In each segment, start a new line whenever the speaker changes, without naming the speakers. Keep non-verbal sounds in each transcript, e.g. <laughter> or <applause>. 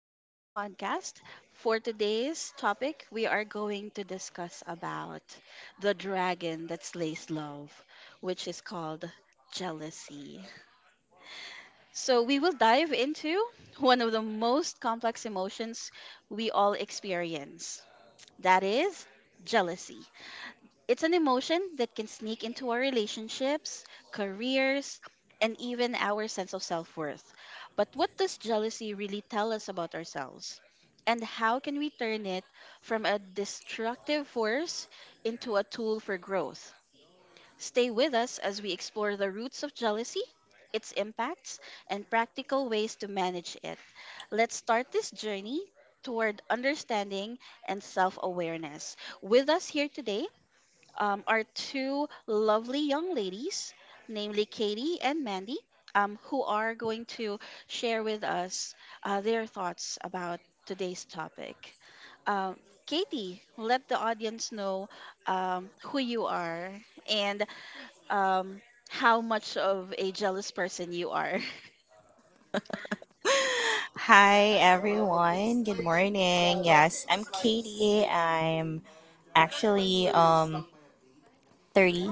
My podcast. For today's topic, we are going to discuss about the dragon that slays love, which is called jealousy. So, we will dive into one of the most complex emotions we all experience that is jealousy. It's an emotion that can sneak into our relationships, careers, and even our sense of self worth. But what does jealousy really tell us about ourselves? And how can we turn it from a destructive force into a tool for growth? Stay with us as we explore the roots of jealousy, its impacts, and practical ways to manage it. Let's start this journey toward understanding and self awareness. With us here today are two lovely young ladies, namely Katie and Mandy, who are going to share with us their thoughts about today's topic. Um, Katie, let the audience know who you are and um, how much of a jealous person you are. <laughs>
Hi everyone. Good morning. Yes, I'm Katie. I'm actually thirty,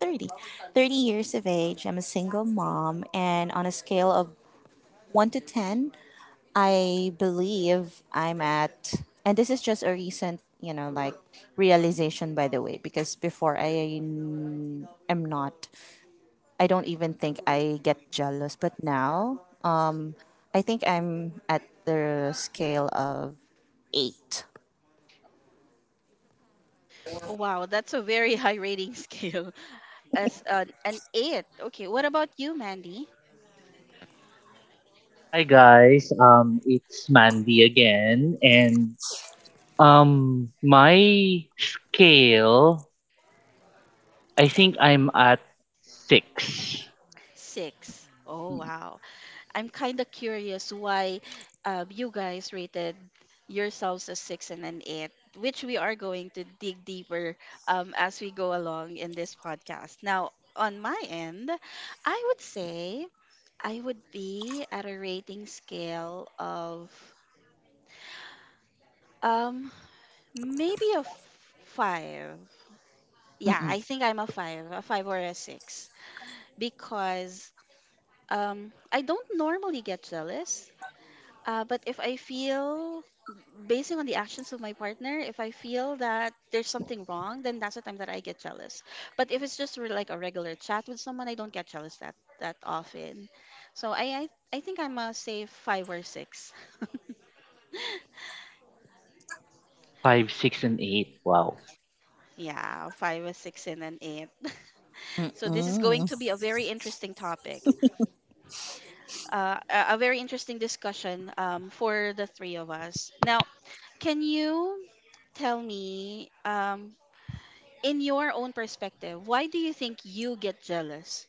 30 years of age. I'm a single mom, and on a scale of 1 to 10, I believe I'm at, and this is just a recent, like, realization by the way, because before I am not, I don't even think I get jealous. But now, I think I'm at the scale of 8.
Wow, that's a very <laughs> high rating scale. <laughs> As an eight. Okay, what about you, Mandy?
Hi guys, it's Mandy again, and my scale, I think I'm at six,
Six. Oh, wow. I'm kind of curious why you guys rated yourselves a six and an eight, which we are going to dig deeper as we go along in this podcast. Now, on my end, I would say I would be at a rating scale of um maybe a five. Yeah,
Mm-mm,
I think I'm a five or a six because I don't normally get jealous. But if I feel basing on the actions of my partner, if I feel that there's something wrong, then that's the time that I get jealous. But if it's just like a regular chat with someone, I don't get jealous that often. So I think I'm a say five or six. <laughs>
five, six, and eight. Wow.
Yeah, five or six and an eight. <laughs> So this is going
mm-mm.
to be a very interesting topic, a very interesting discussion for the three of us. Now, can you tell me in your own perspective, why do you think you get jealous?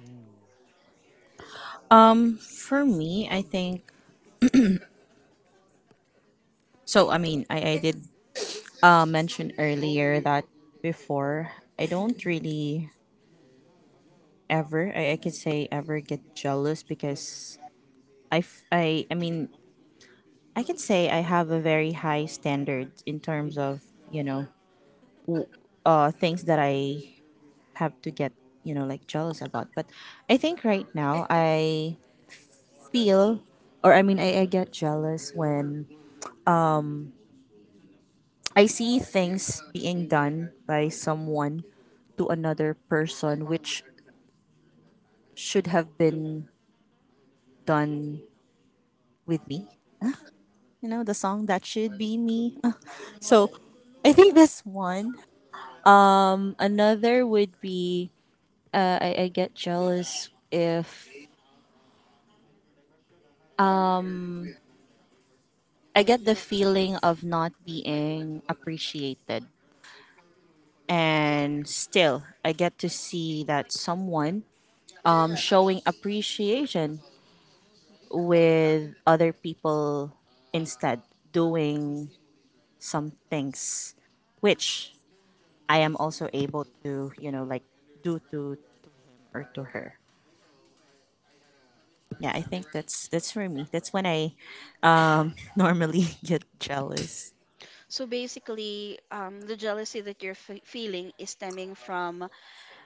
Mm.
For me, I think so. I mean, I did mention earlier that before I don't really ever, I could say, ever get jealous, because I mean, I can say I have a very high standard in terms of, you know, w- things that I have to get, like, jealous about. But I think right now I feel, or I mean, I get jealous when I see things being done by someone to another person which should have been done with me. You know, the song that should be me. <laughs> So I think that's one. Another would be, I get jealous if I get the feeling of not being appreciated, and still I get to see that someone, showing appreciation with other people instead, doing some things which I am also able to, like, do to, or to her. Yeah, I think that's for me, that's when I <laughs> normally get jealous.
So basically, the jealousy that you're feeling is stemming from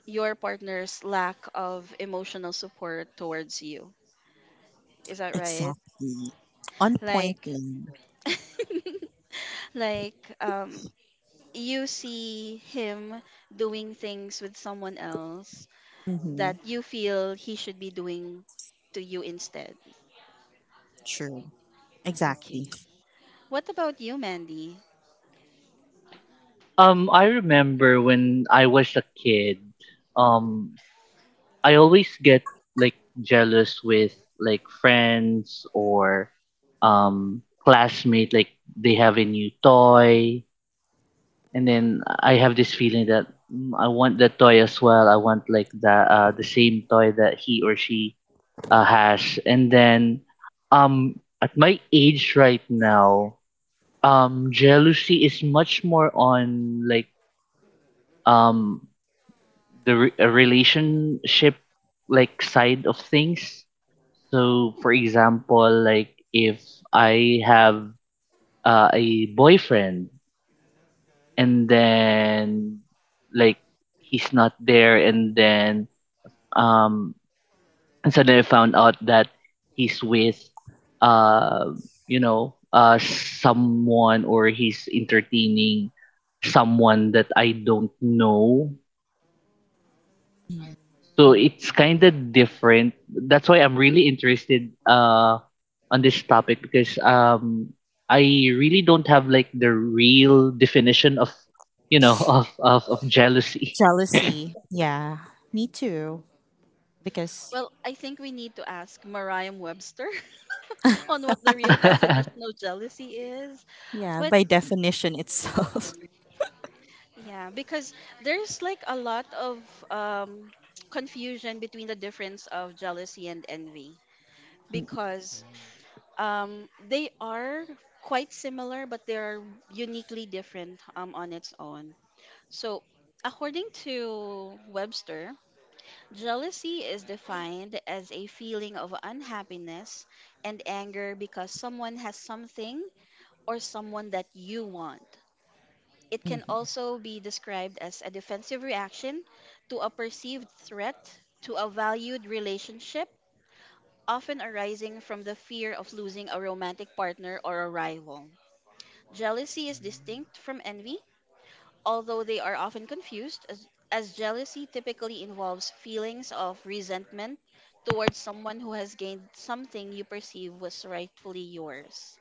your partner's lack of emotional support towards you. Is that right?
Exactly on point,
Like,
Lane.
<laughs> like you see him doing things with someone else
Mm-hmm.
that you feel he should be doing to you instead.
Sure, exactly.
Okay. What about you, Mandy?
I remember when I was a kid, um, I always get like jealous with like friends or classmate, like they have a new toy, and then I have this feeling that I want that toy as well. I want like the same toy that he or she has. And then um at my age right now, jealousy is much more on like um the relationship like side of things. So for example, like if I have a boyfriend, and then like he's not there, and then um and suddenly I found out that he's with uh someone, or he's entertaining someone that I don't know. So it's kind of different. That's why I'm really interested on this topic, because I really don't have like the real definition of <laughs> of jealousy.
Jealousy. Yeah, me too. Because,
Well, I think we need to ask Mariam Webster, <laughs> on what the real definition
<laughs>
of jealousy is.
yeah,
But
by definition itself. <laughs>
yeah, because there's like a lot of um, <tsk> confusion between the difference of jealousy and envy because they are quite similar, but they are uniquely different on its own. So, according to Webster, jealousy is defined as a feeling of unhappiness and anger because someone has something or someone that you want. It can
Mhm.
also be described as a defensive reaction to a perceived threat to a valued relationship, often arising from the fear of losing a romantic partner or a rival. Jealousy is
Mm.
distinct from envy, although they are often confused, as jealousy typically involves feelings of resentment towards someone who has gained something you perceive was rightfully yours.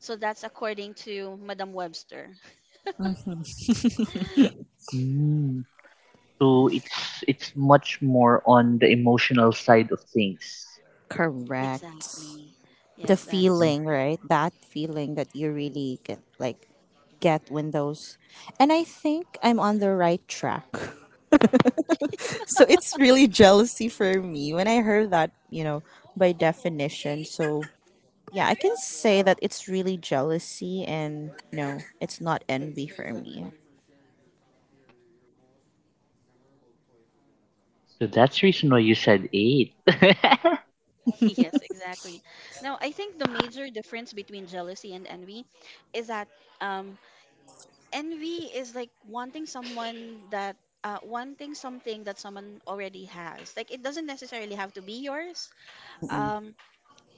So that's according to Madam Webster.
Mm. So it's much more on the emotional side of things.
Correct.
Exactly.
The
Yes, that is
Mhm.
feeling,
correct.
right? That feeling that you really get, like, get when those. And I think I'm on the right track. <laughs> So it's really jealousy for me when I heard that, by definition. So yeah, I can say that it's really jealousy, and it's not envy for me.
So that's the reason why you said eight.
<laughs> Yes, exactly. Now, I think the major difference between jealousy and envy is that um, envy is like wanting someone that wanting something that someone already has. Like it doesn't necessarily have to be yours.
Mm-mm.
Um,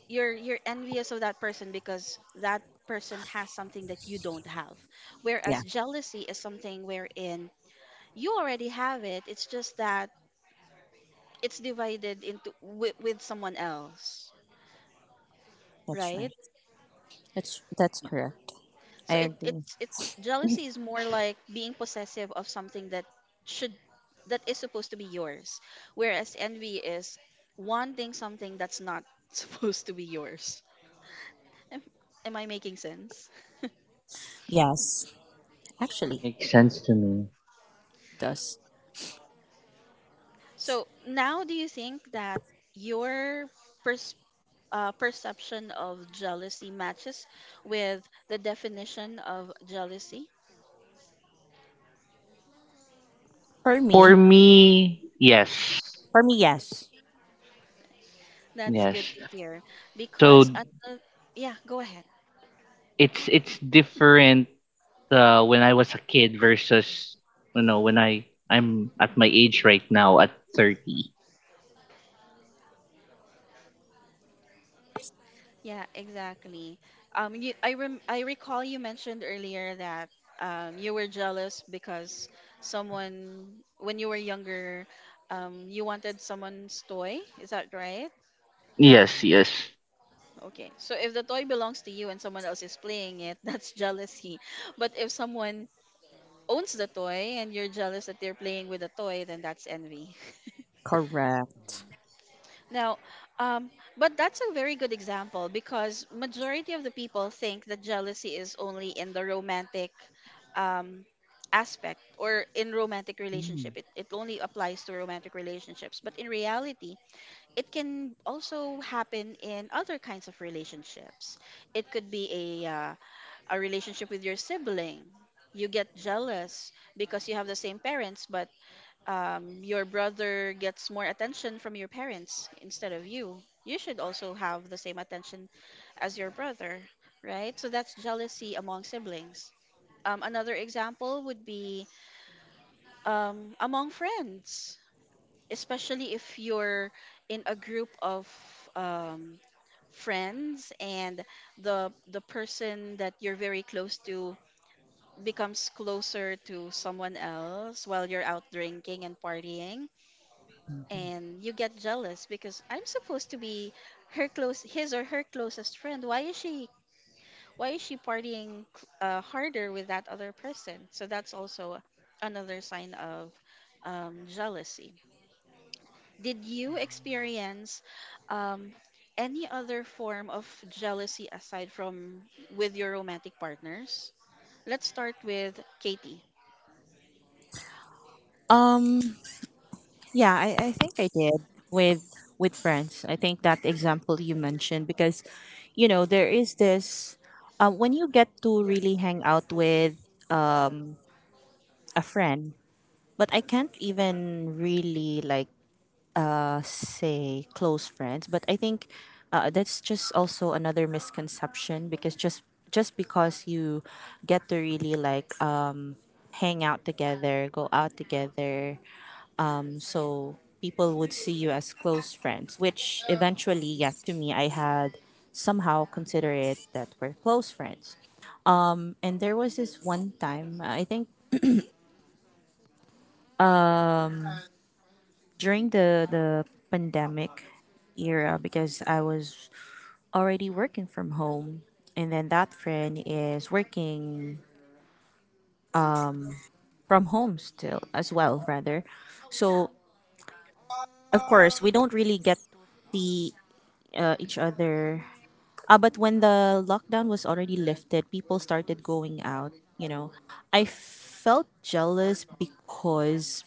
you're envious of that person because that person has something that you don't have. Whereas
Yeah,
jealousy is something wherein you already have it. It's just that it's divided into with someone else,
that's right.
right?
That's correct.
So
I
it
agree.
it's it jealousy
<laughs>
is more like being possessive of something should that is supposed to be yours, whereas envy is wanting something that's not <laughs> supposed to be yours. Am, am I making sense?
Yes,
<laughs>
actually
Makes sense to me.
it does.
So now, do you think that your pers- perception of jealousy matches with the definition of jealousy?
For me,
For me, yes.
for me, yes,
That's good
Yes.
to hear
So
because yeah, go ahead.
it's different when I was a kid versus when I'm at my age right now at 30.
Yeah, exactly. I recall you mentioned earlier that you were jealous because someone when you were younger, you wanted someone's toy. Is that right?
Yes, yes.
Okay. So if the toy belongs to you and someone else is playing it, <laughs> that's jealousy. But if someone owns the toy and you're jealous that they're playing with the toy, then that's envy.
correct.
Now, um, but that's a very good example because majority of the people think that jealousy is only in the romantic um, aspect or in romantic
Mm.
relationship. It only applies to romantic relationships. But in reality, it can also happen in other kinds of relationships. It could be a relationship with your sibling. You get jealous because you have the same parents, but your brother gets more attention from your parents instead of you, you should also have the same attention as your brother, right? So that's jealousy among siblings. Another example would be among friends, especially if you're in a group of um, friends and the person that you're very close to becomes closer to someone else while you're out drinking and partying and you get jealous because I'm supposed to be her close his or her closest friend. Why is she partying harder with that other person? So that's also another sign of jealousy. Did you
Mm.
experience um, any other form of jealousy aside from with your romantic partners? Let's start with Katie.
Um, yeah, I think I did with friends. I think that example you mentioned, because, there is this, when you get to really hang out with a friend, but I can't even really like, say close friends. But I think, that's just also another misconception, because just because you get to really like, hang out together, go out together, so people would see you as close friends. Which eventually, yes, to me, I had somehow consider it that we're close friends. And there was this one time, I think during the pandemic era, because I was already working from home, and then that friend is working from home still as well, rather. So of course we don't really get the, each other, but when the lockdown was already lifted, people started going out, you know. I felt jealous because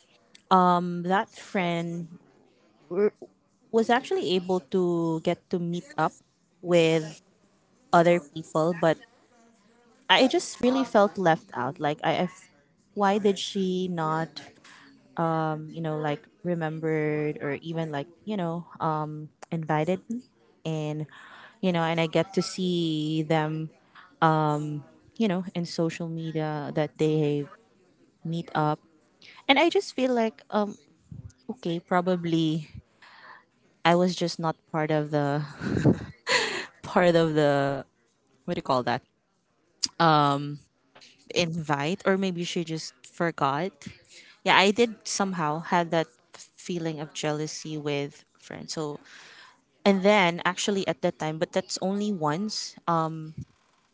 that friend were- was actually able to get to meet up with other people, but I just really felt left out. Like, why did she not, like, remembered or even, like, invited me, and and I get to see them, in social media, that they meet up, and I just feel like, okay, probably I was just not part of the <laughs> part of the, what do you call that, invite, or maybe she just forgot. Yeah, I did somehow had that feeling of jealousy with friends. So, and then actually at that time, but that's only once.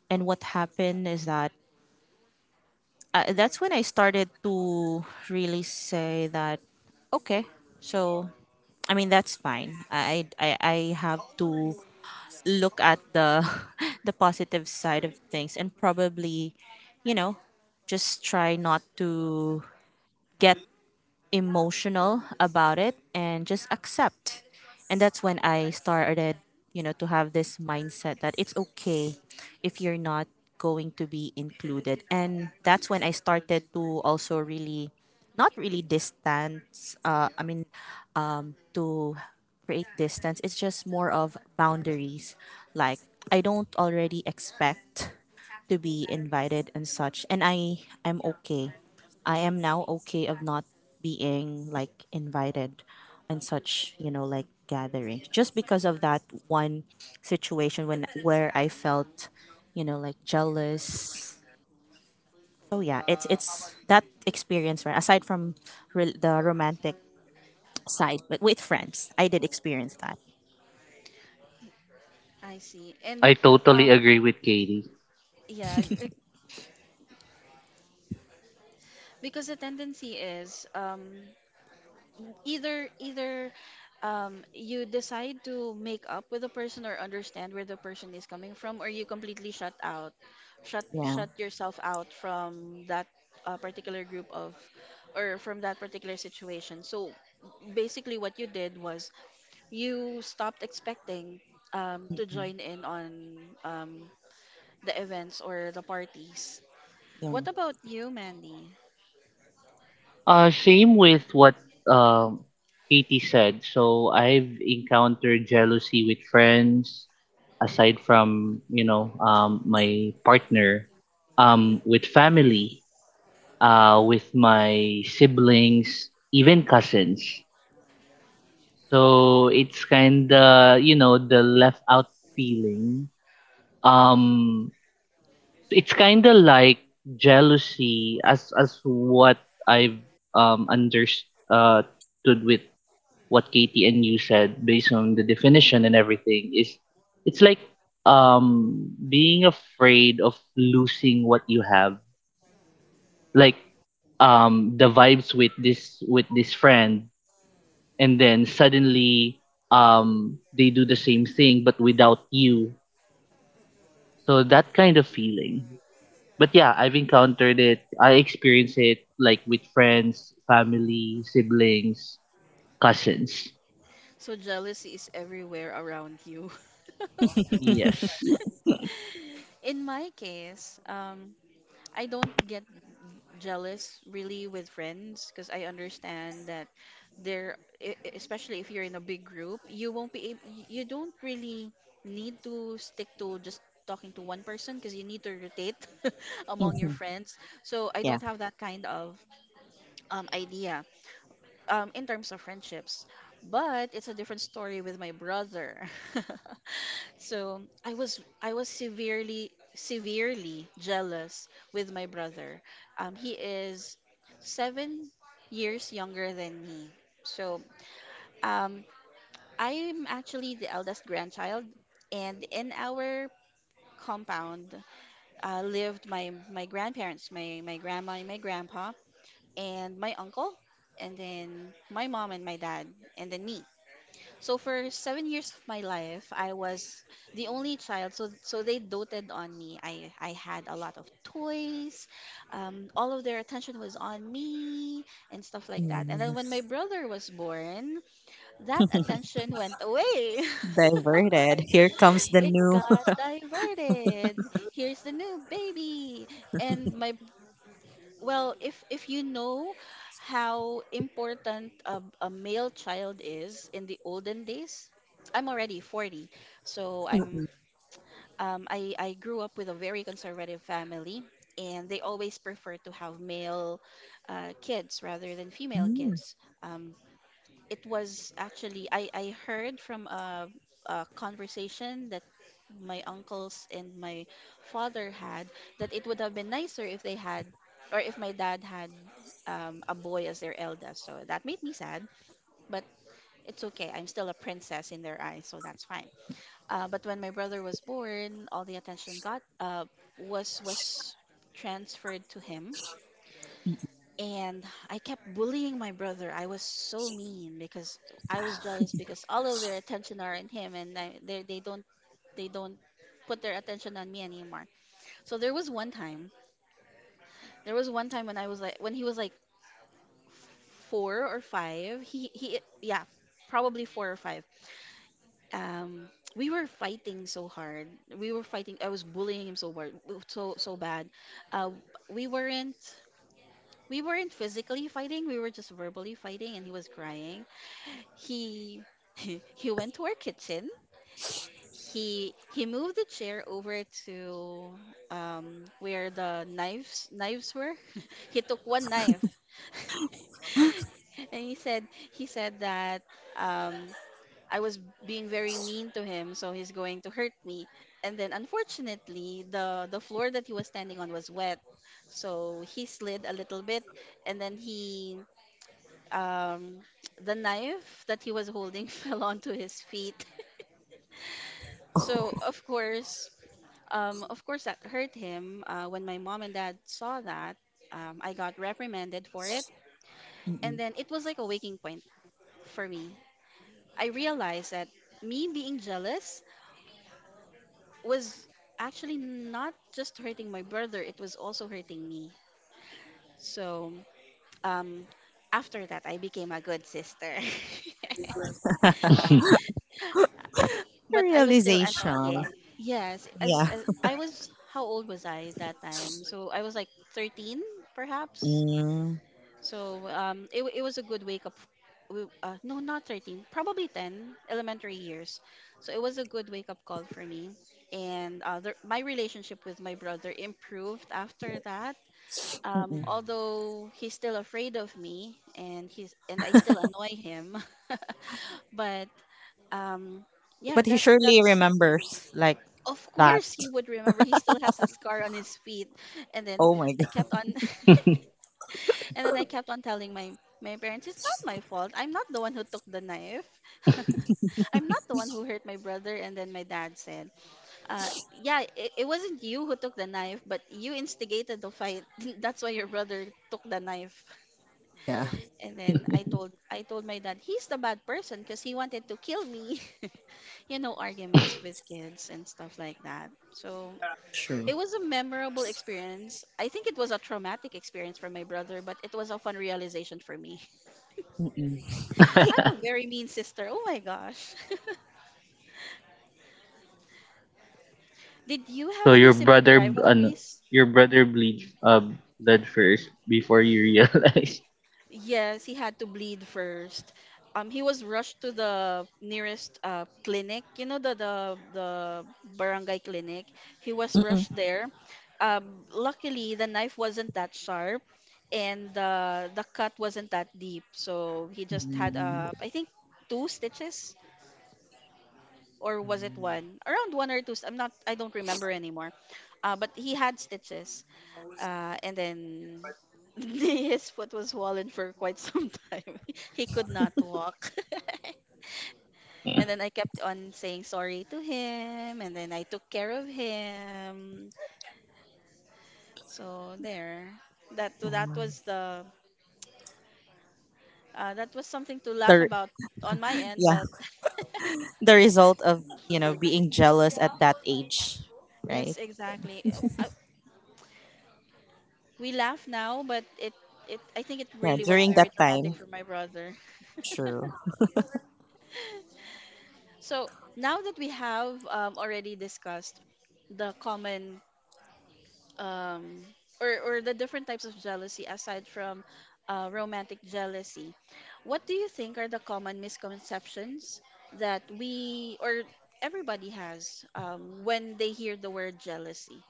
And what happened is that, that's when I started to really say that okay, so I mean that's fine. I have to look at the <laughs> the positive side of things and probably, you know, just try not to get emotional about it and just accept. And that's when I started, to have this mindset that it's okay if you're not going to be included. And that's when I started to also really, not really distance, I mean, to create distance. It's just more of boundaries. Like, I don't already expect to be invited and such. And I'm okay. I am now okay of not being, like, invited and such, like gatherings, just because of that one situation, when where I felt, like, jealous. Oh yeah, it's that experience, right, aside from the romantic side, but with friends. I did experience that.
I see. And
I totally
uh,
agree with Katie.
yeah, <laughs> because the tendency is either you decide to make up with the person or understand where the person is coming from, or you completely shut out, shut
Yeah.
shut yourself out from that particular group of, or from that particular situation. So basically, what you did was you stopped expecting to
Mm-mm.
join in on um, the events or the parties.
Yeah.
What about you, Mandy?
Same with what um, Katie said. So I've encountered jealousy with friends, aside from my partner, with family, with my siblings, even cousins. So it's kinda the left out feeling.
Mm-mm.
Um, it's kind of like jealousy as what I've understood. With what Katie and you said based on the definition and everything, is it's like being afraid of losing what you have, like the vibes with this friend, and then suddenly they do the same thing but without you. So that kind of feeling. But yeah, I've encountered it. I experience it like with friends, family, siblings, cousins.
So jealousy is everywhere around you.
Yes.
<laughs> In my case, I don't get jealous really with friends because I understand that there, especially if you're in a big group, you won't be able, you don't really need to stick to just talking to one person because you need to rotate <laughs> among your
Mm-hmm.
friends. So I
Yeah.
don't have that kind of idea in terms of friendships. But it's a different story with my brother. <laughs> So I was severely jealous with my brother. He is 7 years younger than me. So um, I'm actually the eldest grandchild, and in our compound lived my grandparents, my grandma and my grandpa, and my uncle, and then my mom and my dad, and then me. So for 7 years of my life, I was the only child. So they doted on me. I had a lot of toys. All of their attention was on me and stuff like that. And then when
Mm.
my brother was born, that attention went away.
Diverted. Here comes
<laughs>
the
It
new.
got diverted. Here's the new baby. And my well, if you know how important a male child is in the olden days, I'm already 40, so
<laughs>
I'm I grew up with a very conservative family, and they always prefer to have male kids rather than female
Mm.
kids. Um, it was actually I heard from a conversation that my uncles and my father had that it would have been nicer if my dad had a boy as their eldest. So that made me sad, but it's okay. I'm still a princess in their eyes, so that's fine. But when my brother was born, all the attention got was transferred to him and I, kept bullying my brother. I was so mean because I was jealous because all of their attention are on him and I, they don't put their attention on me anymore. So there was one time when he was like four or five. He yeah, probably four or five. Um, we were fighting so hard. We were fighting. I was bullying him so hard, so bad. Uh, we weren't we weren't physically fighting. We were just verbally fighting, and he was crying. He <laughs> he went to our kitchen. He moved the chair over to where the knives were. <laughs> He took one knife <laughs> and he said that um I was being very mean to him, so he's going to hurt me. And then unfortunately, the floor that he was standing on was wet. So he slid a little bit and then he um, the knife that he was holding <laughs> fell onto his feet. <laughs> So of course that hurt him. When my mom and dad saw that, I got reprimanded for it, and
Mm-mm.
then it was like a waking point for me. I realized that me being jealous was actually not just hurting my brother; it was also hurting me. So um, after that, I became a good sister. <laughs>
<laughs>
But I was still annoying.
Realization.
Yes, as,
Yeah.
as I was, how old was I that time? So I was like 13, perhaps.
Mm.
So it was a good wake up. No, not 13, probably 10, elementary years. So it was a good wake up call for me. And my relationship with my brother improved after that. Although he's still afraid of me and he's and I still annoy him, <laughs> but um, yeah,
But he
that's
surely
that's
remembers, like,
of
that.
course he would remember. He still has the scar on his feet. And then
Oh my
I
god.
kept on <laughs> and then I kept on telling my parents, it's not my fault. I'm not the one who took the knife. <laughs> I'm not the one who hurt my brother. And then my dad said, uh, yeah, it wasn't you who took the knife, but you instigated the fight. <laughs> That's why your brother took the knife.
Yeah,
And then I told my dad, he's the bad person because he wanted to kill me. <laughs> You know, arguments with kids and stuff like that. So
true.
it was a memorable experience. I think it was a traumatic experience for my brother, but it was a fun realization for me.
Mm-mm.
<laughs> I'm a very mean sister. Oh my gosh. <laughs> Did you have
So
any
your
sibling
brother,
rivalries?
bleeds blood first before you realize. <laughs>
Yes, he had to bleed first. He was rushed to the nearest clinic, you know, the barangay clinic. He was
Mm-mm.
rushed there. Luckily, the knife wasn't that sharp, and the cut wasn't that deep. So he just had,
Mm.
I think, two stitches, or was it one? Around one or two. I'm not. I don't remember anymore. But he had stitches. And then <laughs> his foot was swollen for quite some time. <laughs> He could not walk. <laughs>
Mm.
And then I kept on saying sorry to him, and then I took care of him. So there, that was the that was something to laugh
The
about on my end.
Yeah,
But <laughs>
the result of, being jealous at that age,
yes,
right?
exactly. We laugh now, but it I think it
Yeah,
really was
during
very
that
traumatic
time.
for my brother. <laughs>
True.
So now that we have already discussed the common um, or the different types of jealousy aside from romantic jealousy, what do you think are the common misconceptions that we or everybody has when they hear the word jealousy?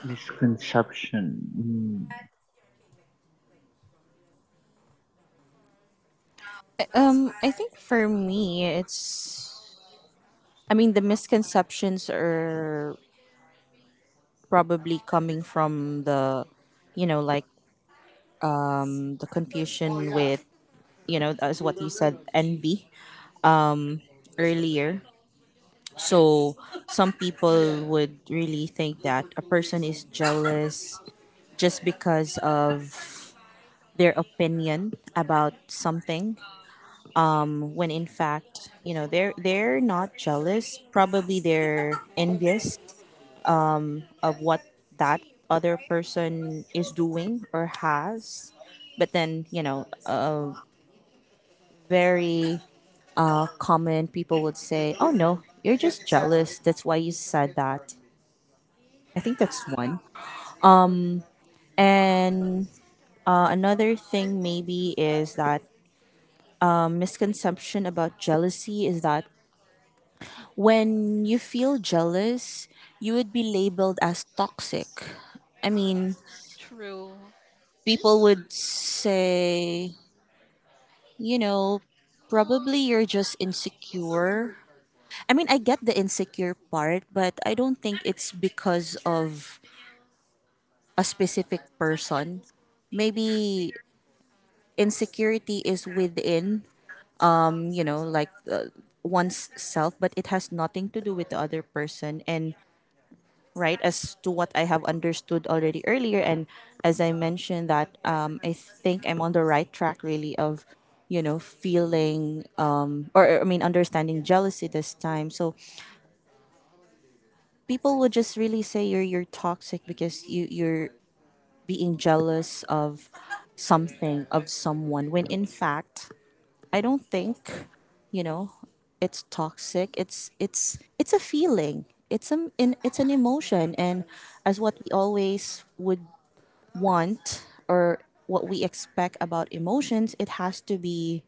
Misconception. Mm.
I think for me, it's. I mean, the misconceptions are probably coming from the, like, the confusion with, as what you said, envy, earlier. So some people would really think that a person is jealous just because of their opinion about something, when in fact, they're not jealous, probably they're envious of what that other person is doing or has. But then, very, common people would say, oh no, you're just jealous, that's why you said that. I think that's one. And, another thing maybe is that a misconception about jealousy is that when you feel jealous, you would be labeled as toxic. I mean,
True.
people would say, you know, probably you're just insecure. I mean, I get the insecure part, but I don't think it's because of a specific person. Maybe insecurity is within, like, one's self, but it has nothing to do with the other person. And right, as to what I have understood already earlier, and as I mentioned, that, I think I'm on the right track really of, feeling, or, I mean, understanding jealousy this time. So people would just really say you're toxic because you're being jealous of something, of someone, when in fact I don't think, you know, it's toxic. It's a feeling. It's it's an emotion, and as what we always would want, or what we expect about emotions, it has to be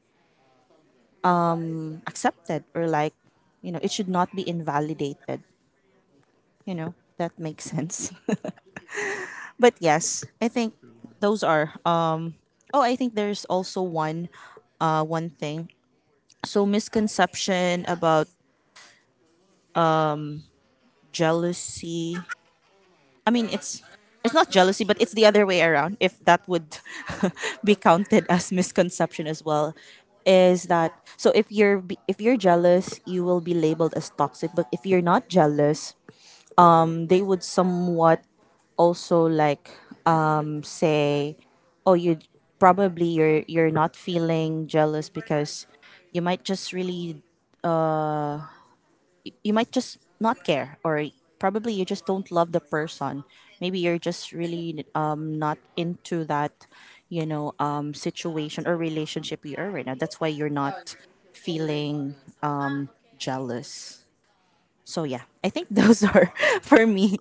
accepted, or like, it should not be invalidated. You know, that makes sense. <laughs> But yes, I think those are. Oh, I think there's also one thing. So, misconception about jealousy, I mean, it's not jealousy, but it's the other way around. If that would <laughs> be counted as misconception as well, is that so? If you're jealous, you will be labeled as toxic. But if you're not jealous, they would somewhat also like, say, oh, you probably you're not feeling jealous because you might just really you might just not care, or probably you just don't love the person, maybe you're just really, not into that, situation or relationship you are right now. That's why you're not feeling jealous. So yeah, I think those are <laughs> for me,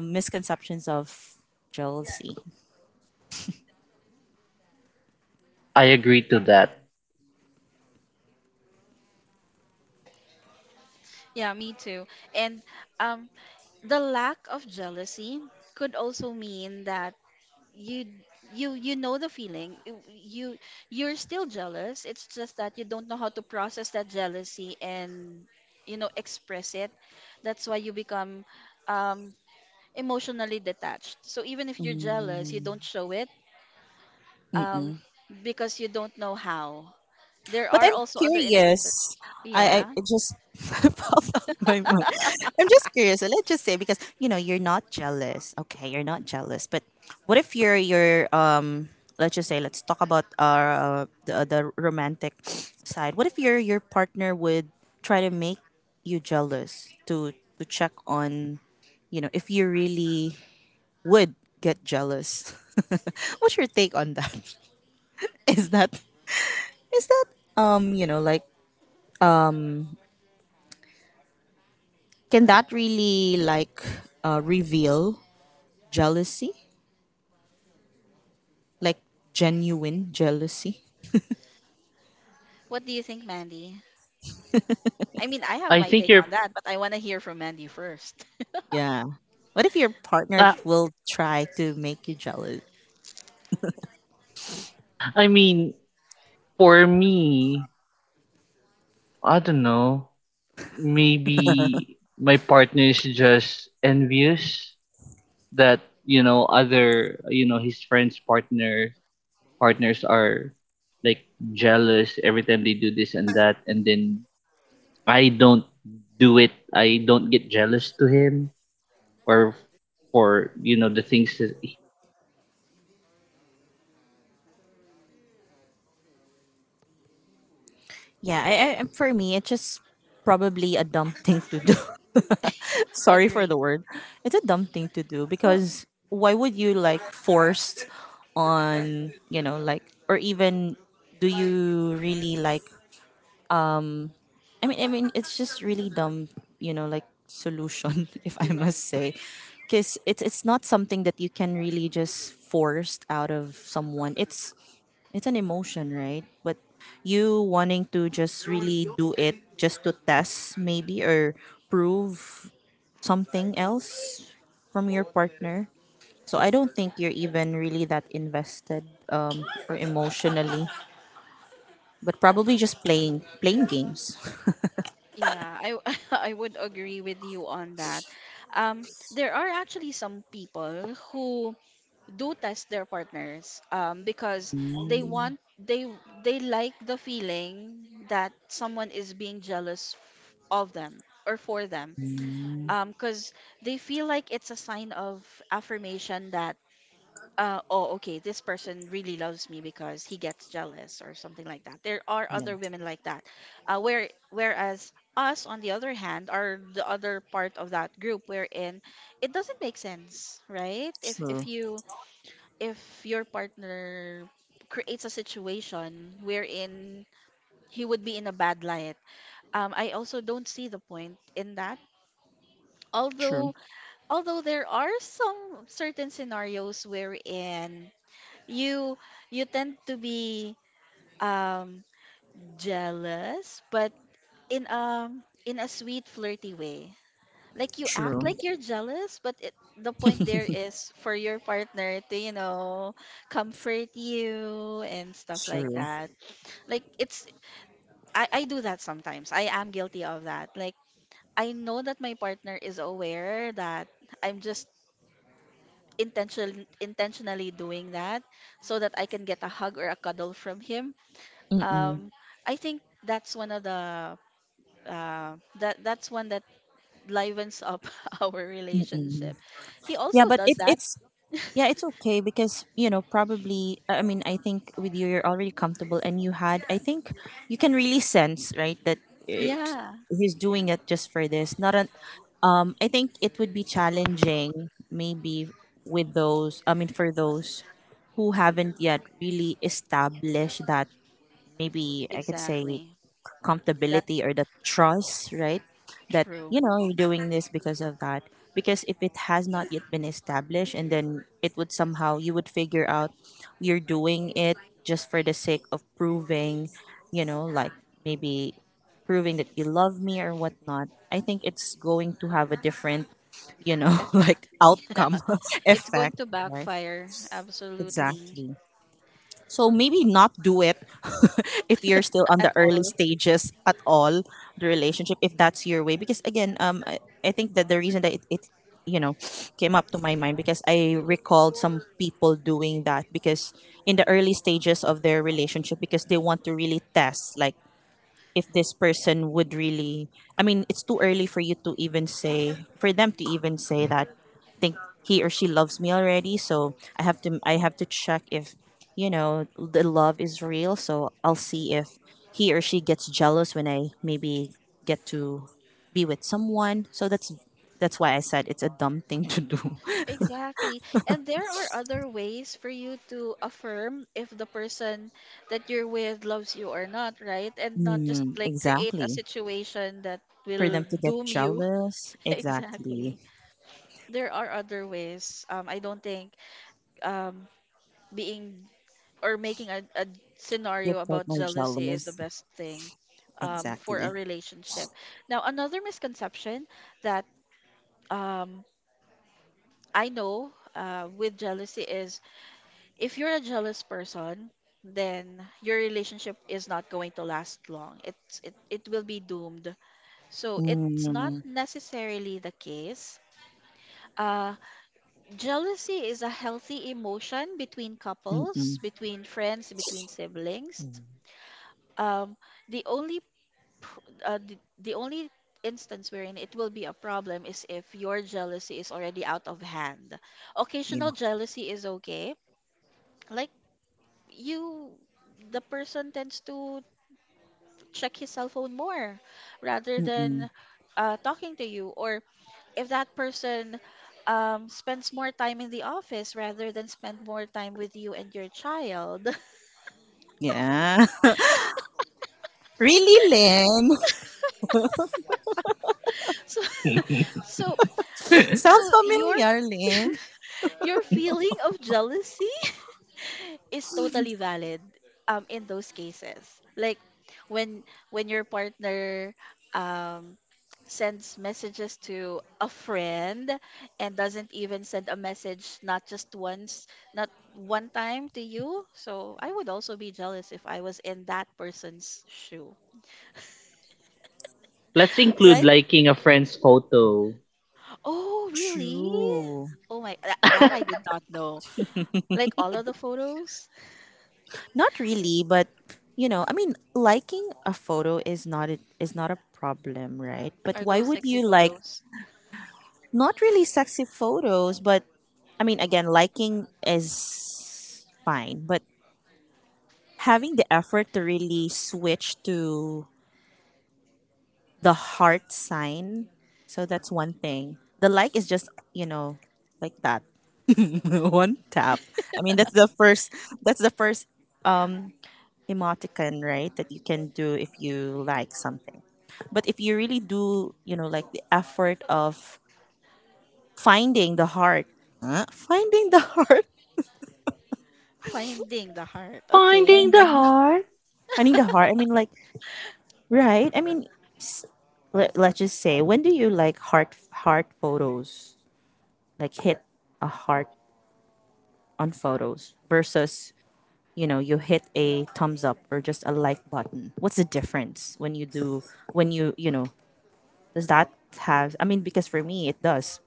misconceptions of jealousy.
I agree to that.
Yeah, me too. And um, the lack of jealousy could also mean that you you know the feeling you are still jealous. It's just that you don't know how to process that jealousy and you know express it. That's why you become um emotionally detached. So even if you're jealous, you
Mm,
don't show it,
mm-mm.
um because you don't know how. There
But
are
I'm
also other instances.
curious. I
Yeah,
it just <laughs> popped out my mind. I'm just curious. So, let's just say, because you know you're not jealous. Okay, you're not jealous. But what if you're you're let's just say, let's talk about our, the romantic side. What if your partner would try to make you jealous, to check on, if you really would get jealous. <laughs> What's your take on that? <laughs> Is that is that you know like Can that really, like, reveal jealousy? Like, genuine jealousy?
what do you think, Mandy? I mean, I have
I
my
think
take
you're.
on that, but I want to hear from Mandy first. <laughs>
Yeah. What if your partner
ah,
will try to make you jealous?
I mean, for me, I don't know. Maybe my partner is just envious that other his friends partners are like jealous every time they do this and that, and then I don't do.
Yeah, for me, it's just probably a dumb thing to do. <laughs> Sorry for
Agree.
the word. It's a dumb thing to do.
Well,
Because why would you, like, force on, you know, like, or even do you really like, I mean, it's just really dumb, you know, like, solution, <laughs> if I must say, because it's not something that you can really just forced out of someone. It's an emotion, right? But you wanting to just really do it just to test, maybe, or prove something else from your partner. So I don't think you're even really that invested, or emotionally, but probably just playing games. <laughs>
yeah, I <laughs> I would agree with you on that. There are actually some people who do test their partners because they they like the feeling that someone is being jealous of them or for them. Because they feel like it's a sign of affirmation that oh, okay, this person really loves me because he gets jealous or something like that. There are
Yeah,
other women like that. Whereas us, on the other hand, are the other part of that group wherein it doesn't make sense, right?
true,
If you if your partner creates a situation wherein he would be in a bad light, I also don't see the point in that.
true.
Although although there are some certain scenarios wherein you you tend to be um jealous but in a sweet flirty way, like you act
True,
like you're jealous but the point there is for your partner to you know comfort you and stuff like
true.
that. Like it's, I do that sometimes. I am guilty of that. Like I know that my partner is aware that I'm just intentionally doing that so that I can get a hug or a cuddle from him.
Mm-mm,
um, I think that's one of the that that's one that livens up <laughs> our
mm-mm.
relationship. He
Yeah,
also
but
does
it,
that.
it's yeah, it's okay because you know probably I mean, I think with you you're already comfortable, and you had, I think, you can really sense, right, that it,
Yeah,
he's doing it just for this. Not an I think it would be challenging maybe with those, I mean for those who haven't yet really established that, maybe I could say
exactly. That
comfortability or the trust, right? That,
true
you know, you're doing this because of that. Because if it has not yet been established, and then it would somehow you would figure out you're doing it just for the sake of proving, you know, like maybe proving that you love me or whatnot. I think it's going to have a different, you know, <laughs> like
effect. <laughs> Yeah,
outcome <laughs>
it's going
effect,
to
right?
backfire absolutely.
Exactly. So maybe not do it <laughs> if you're still on
At
the early
all.
stages at all the relationship if that's your way because again I think that the reason that it you know came up to my mind because I recalled some people doing that because in the early stages of their relationship because they want to really test like if this person would really, I mean it's too early for you to even say, for them to even say that, think he or she loves me already, so I have to, i
Mhm.
have to check if, you know, the love is real, so I'll see if he or she gets jealous when I maybe get to be with someone. So that's why I said it's a dumb thing to do.
Exactly. And there are other ways for you to affirm if the person that you're with loves you or not, right? And not just like create a
Exactly.
situation that
For
will
them to get
doom you.
jealous.
<laughs>
Exactly.
Exactly. There are other ways. I don't think um, being or making a
Your
scenario about
partner
jealousy is the
jealous.
best thing for a
Exactly.
relationship. Now, another misconception that um, I know with jealousy is if you're a jealous person, then your relationship is not going to last long. It will be doomed. So it's not
Mm.
necessarily the case. Uh, Jealousy is a healthy emotion between couples,
Mm.
between friends, between siblings.
Mm.
Um, the only pr- the only instance wherein it will be a problem is if your jealousy is already out of hand.
Yeah.
Occasional jealousy is okay. Like you, the person tends to check his cell phone more rather
Mm.
than talking to you, or if that person spends more time in the office rather than spend more time with you and your child. <laughs>
Yeah. <laughs> Really, Lynn?
So so
<laughs>
<laughs>
Sounds
so
familiar, Lynn.
your feeling of jealousy is totally valid in those cases, like when when your partner um sends messages to a friend and doesn't even send a message, not just once, not one time to you. So I would also be jealous if I was in that person's shoe.
Let's include
Right.
liking a friend's photo.
Oh really?
True.
Oh my, that, that I
<laughs>
did not know. Like all of the photos.
Not really, but you know, I mean, liking a photo is not a problem, right? But
Are
why
those
would
sexy
you like
photos?
not really sexy photos, but I mean, again, liking is fine, but having the effort to really switch to the heart sign, so that's one thing. The like is just, you know, like that. <laughs> One tap. I mean, that's the first. That's the first emoticon, right? That you can do if you like something. But if you really do, you know, like the effort of finding the heart, huh? Finding the <laughs> heart,
Finding the heart. Okay.
Finding the
finding,
heart.
finding the heart. I mean, like, right? I mean, s- let's just say, when do you like heart photos? Like, hit a heart on photos versus, you know, you hit a thumbs up or just a like button. What's the difference when you do, when you know, does that have, I mean, because for me it does.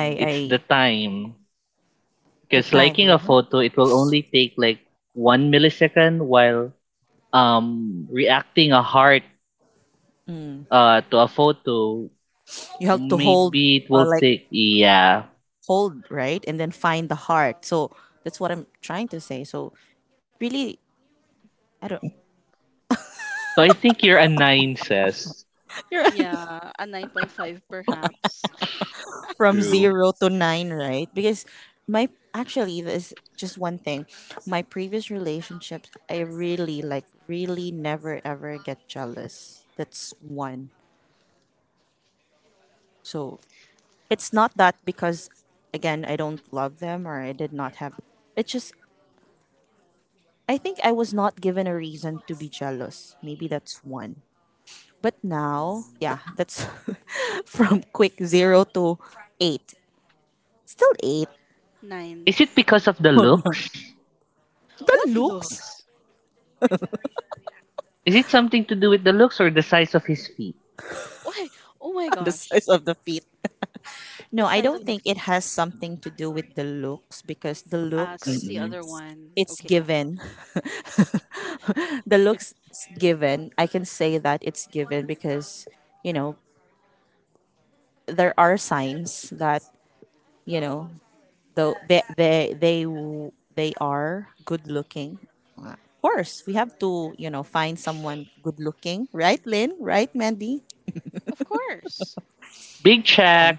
i
it's the
i
time.
the
Because
time,
liking a
right?
photo, it will only take like 1 millisecond, while reacting a heart
mm,
to a photo,
you have to hold
maybe it will
or like
take, yeah.
hold, right, and then find the heart. So that's what I'm trying to say. So really, I don't.
So I think you're a
Oh my
nine,
gosh.
says
<laughs> You're
Yeah, a 9.5 perhaps.
from
true.
zero to nine, right? Because my, actually this just one thing. My previous relationships, I really like really never ever get jealous. That's one. So it's not that because again I don't love them or I did not have. It's just I think I was not given a reason to be jealous. Maybe that's one. But now,
Mm.
yeah, that's <laughs> from quick zero to eight. Still eight.
<laughs> 9.
Is it because of the
<laughs> The
looks?
What
looks.
looks?
Is it something to do with the looks or the size of his feet?
Why? Oh my
The
gosh.
size of the feet.
The
No, I
size
don't
of the
think it
feet.
has something to do with the looks because the
So
looks,
it's the
Mm-mm.
other one.
it's
Okay.
given. <laughs> The looks is given. I can say that it's given because, you know, there are signs that, you know, though they are good looking. Of course, we have to, you know, find someone good looking, right, Lynn? Right, Mandy? <laughs>
Of course.
Big check.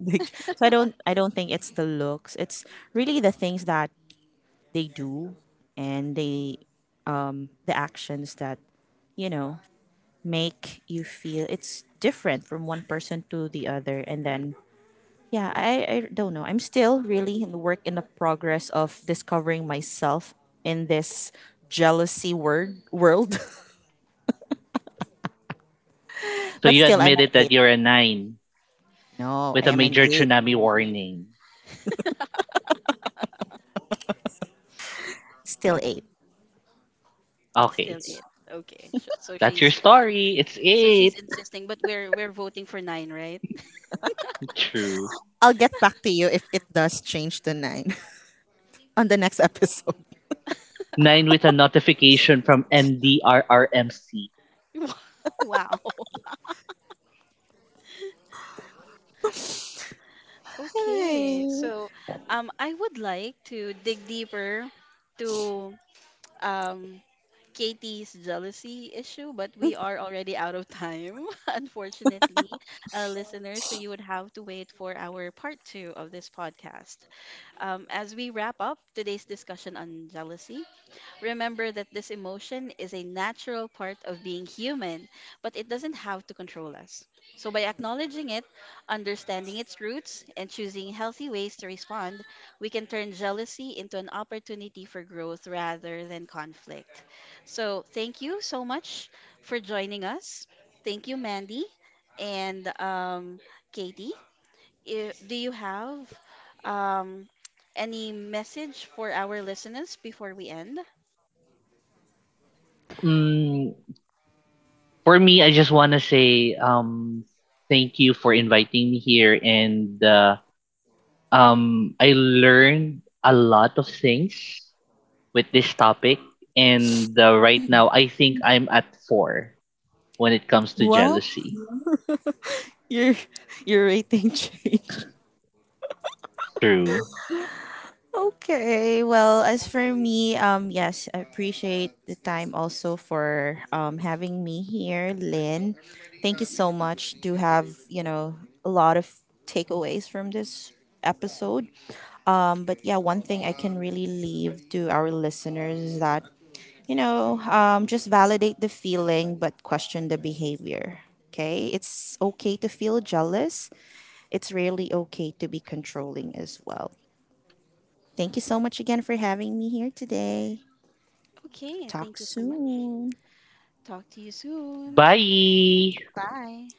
Like, so I don't think it's the looks. It's really the things that they do and they, the actions that, you know, make you feel it's different from one person to the other. And then yeah, I don't know, I'm still really in the work, in the progress of discovering myself in this jealousy word world. <laughs>
So
But
you
still I'm
admitted
an
that
eight.
you're a nine
No,
with
I
a
am an
major
eight.
tsunami warning.
Still eight.
Still
Okay.
it. Okay.
That's your story. It's
So
it.
she's insisting, but we're voting for 9, right?
True.
I'll get back to you if it does change to nine. <laughs> On the next episode.
Nine with a notification from MDRRMC.
<laughs> Wow.
<laughs>
Okay.
Hi.
So I would like to dig deeper to um Katie's jealousy issue, but we are already out of time, <laughs> unfortunately, listeners. So you would have to wait for our part two of this podcast. As we wrap up today's discussion on jealousy, remember that this emotion is a natural part of being human, but it doesn't have to control us. So, by acknowledging it, understanding its roots, and choosing healthy ways to respond, we can turn jealousy into an opportunity for growth rather than conflict. So, thank you so much for joining us. Thank you, Mandy, and Katie. Do you have um, any message for our listeners before we end?
Mm, for me, I just want to say thank you for inviting me here. And I learned a lot of things with this topic. And right now, I think I'm at four when it comes to
Well,
jealousy.
your your rating <laughs> changed.
True.
Okay. Well, as for me, yes, I appreciate the time also for having me here, Lynn. Thank you so much to have, you know, a lot of takeaways from this episode. But yeah, one thing I can really leave to our listeners is that, you know, just validate the feeling but question the behavior. Okay, it's okay to feel jealous. It's really okay to be controlling as well. Thank you so much again for having me here today.
Okay,
Talk
thank you so much.
soon.
Talk to you soon.
Bye.
Bye.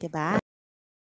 Goodbye, everyone.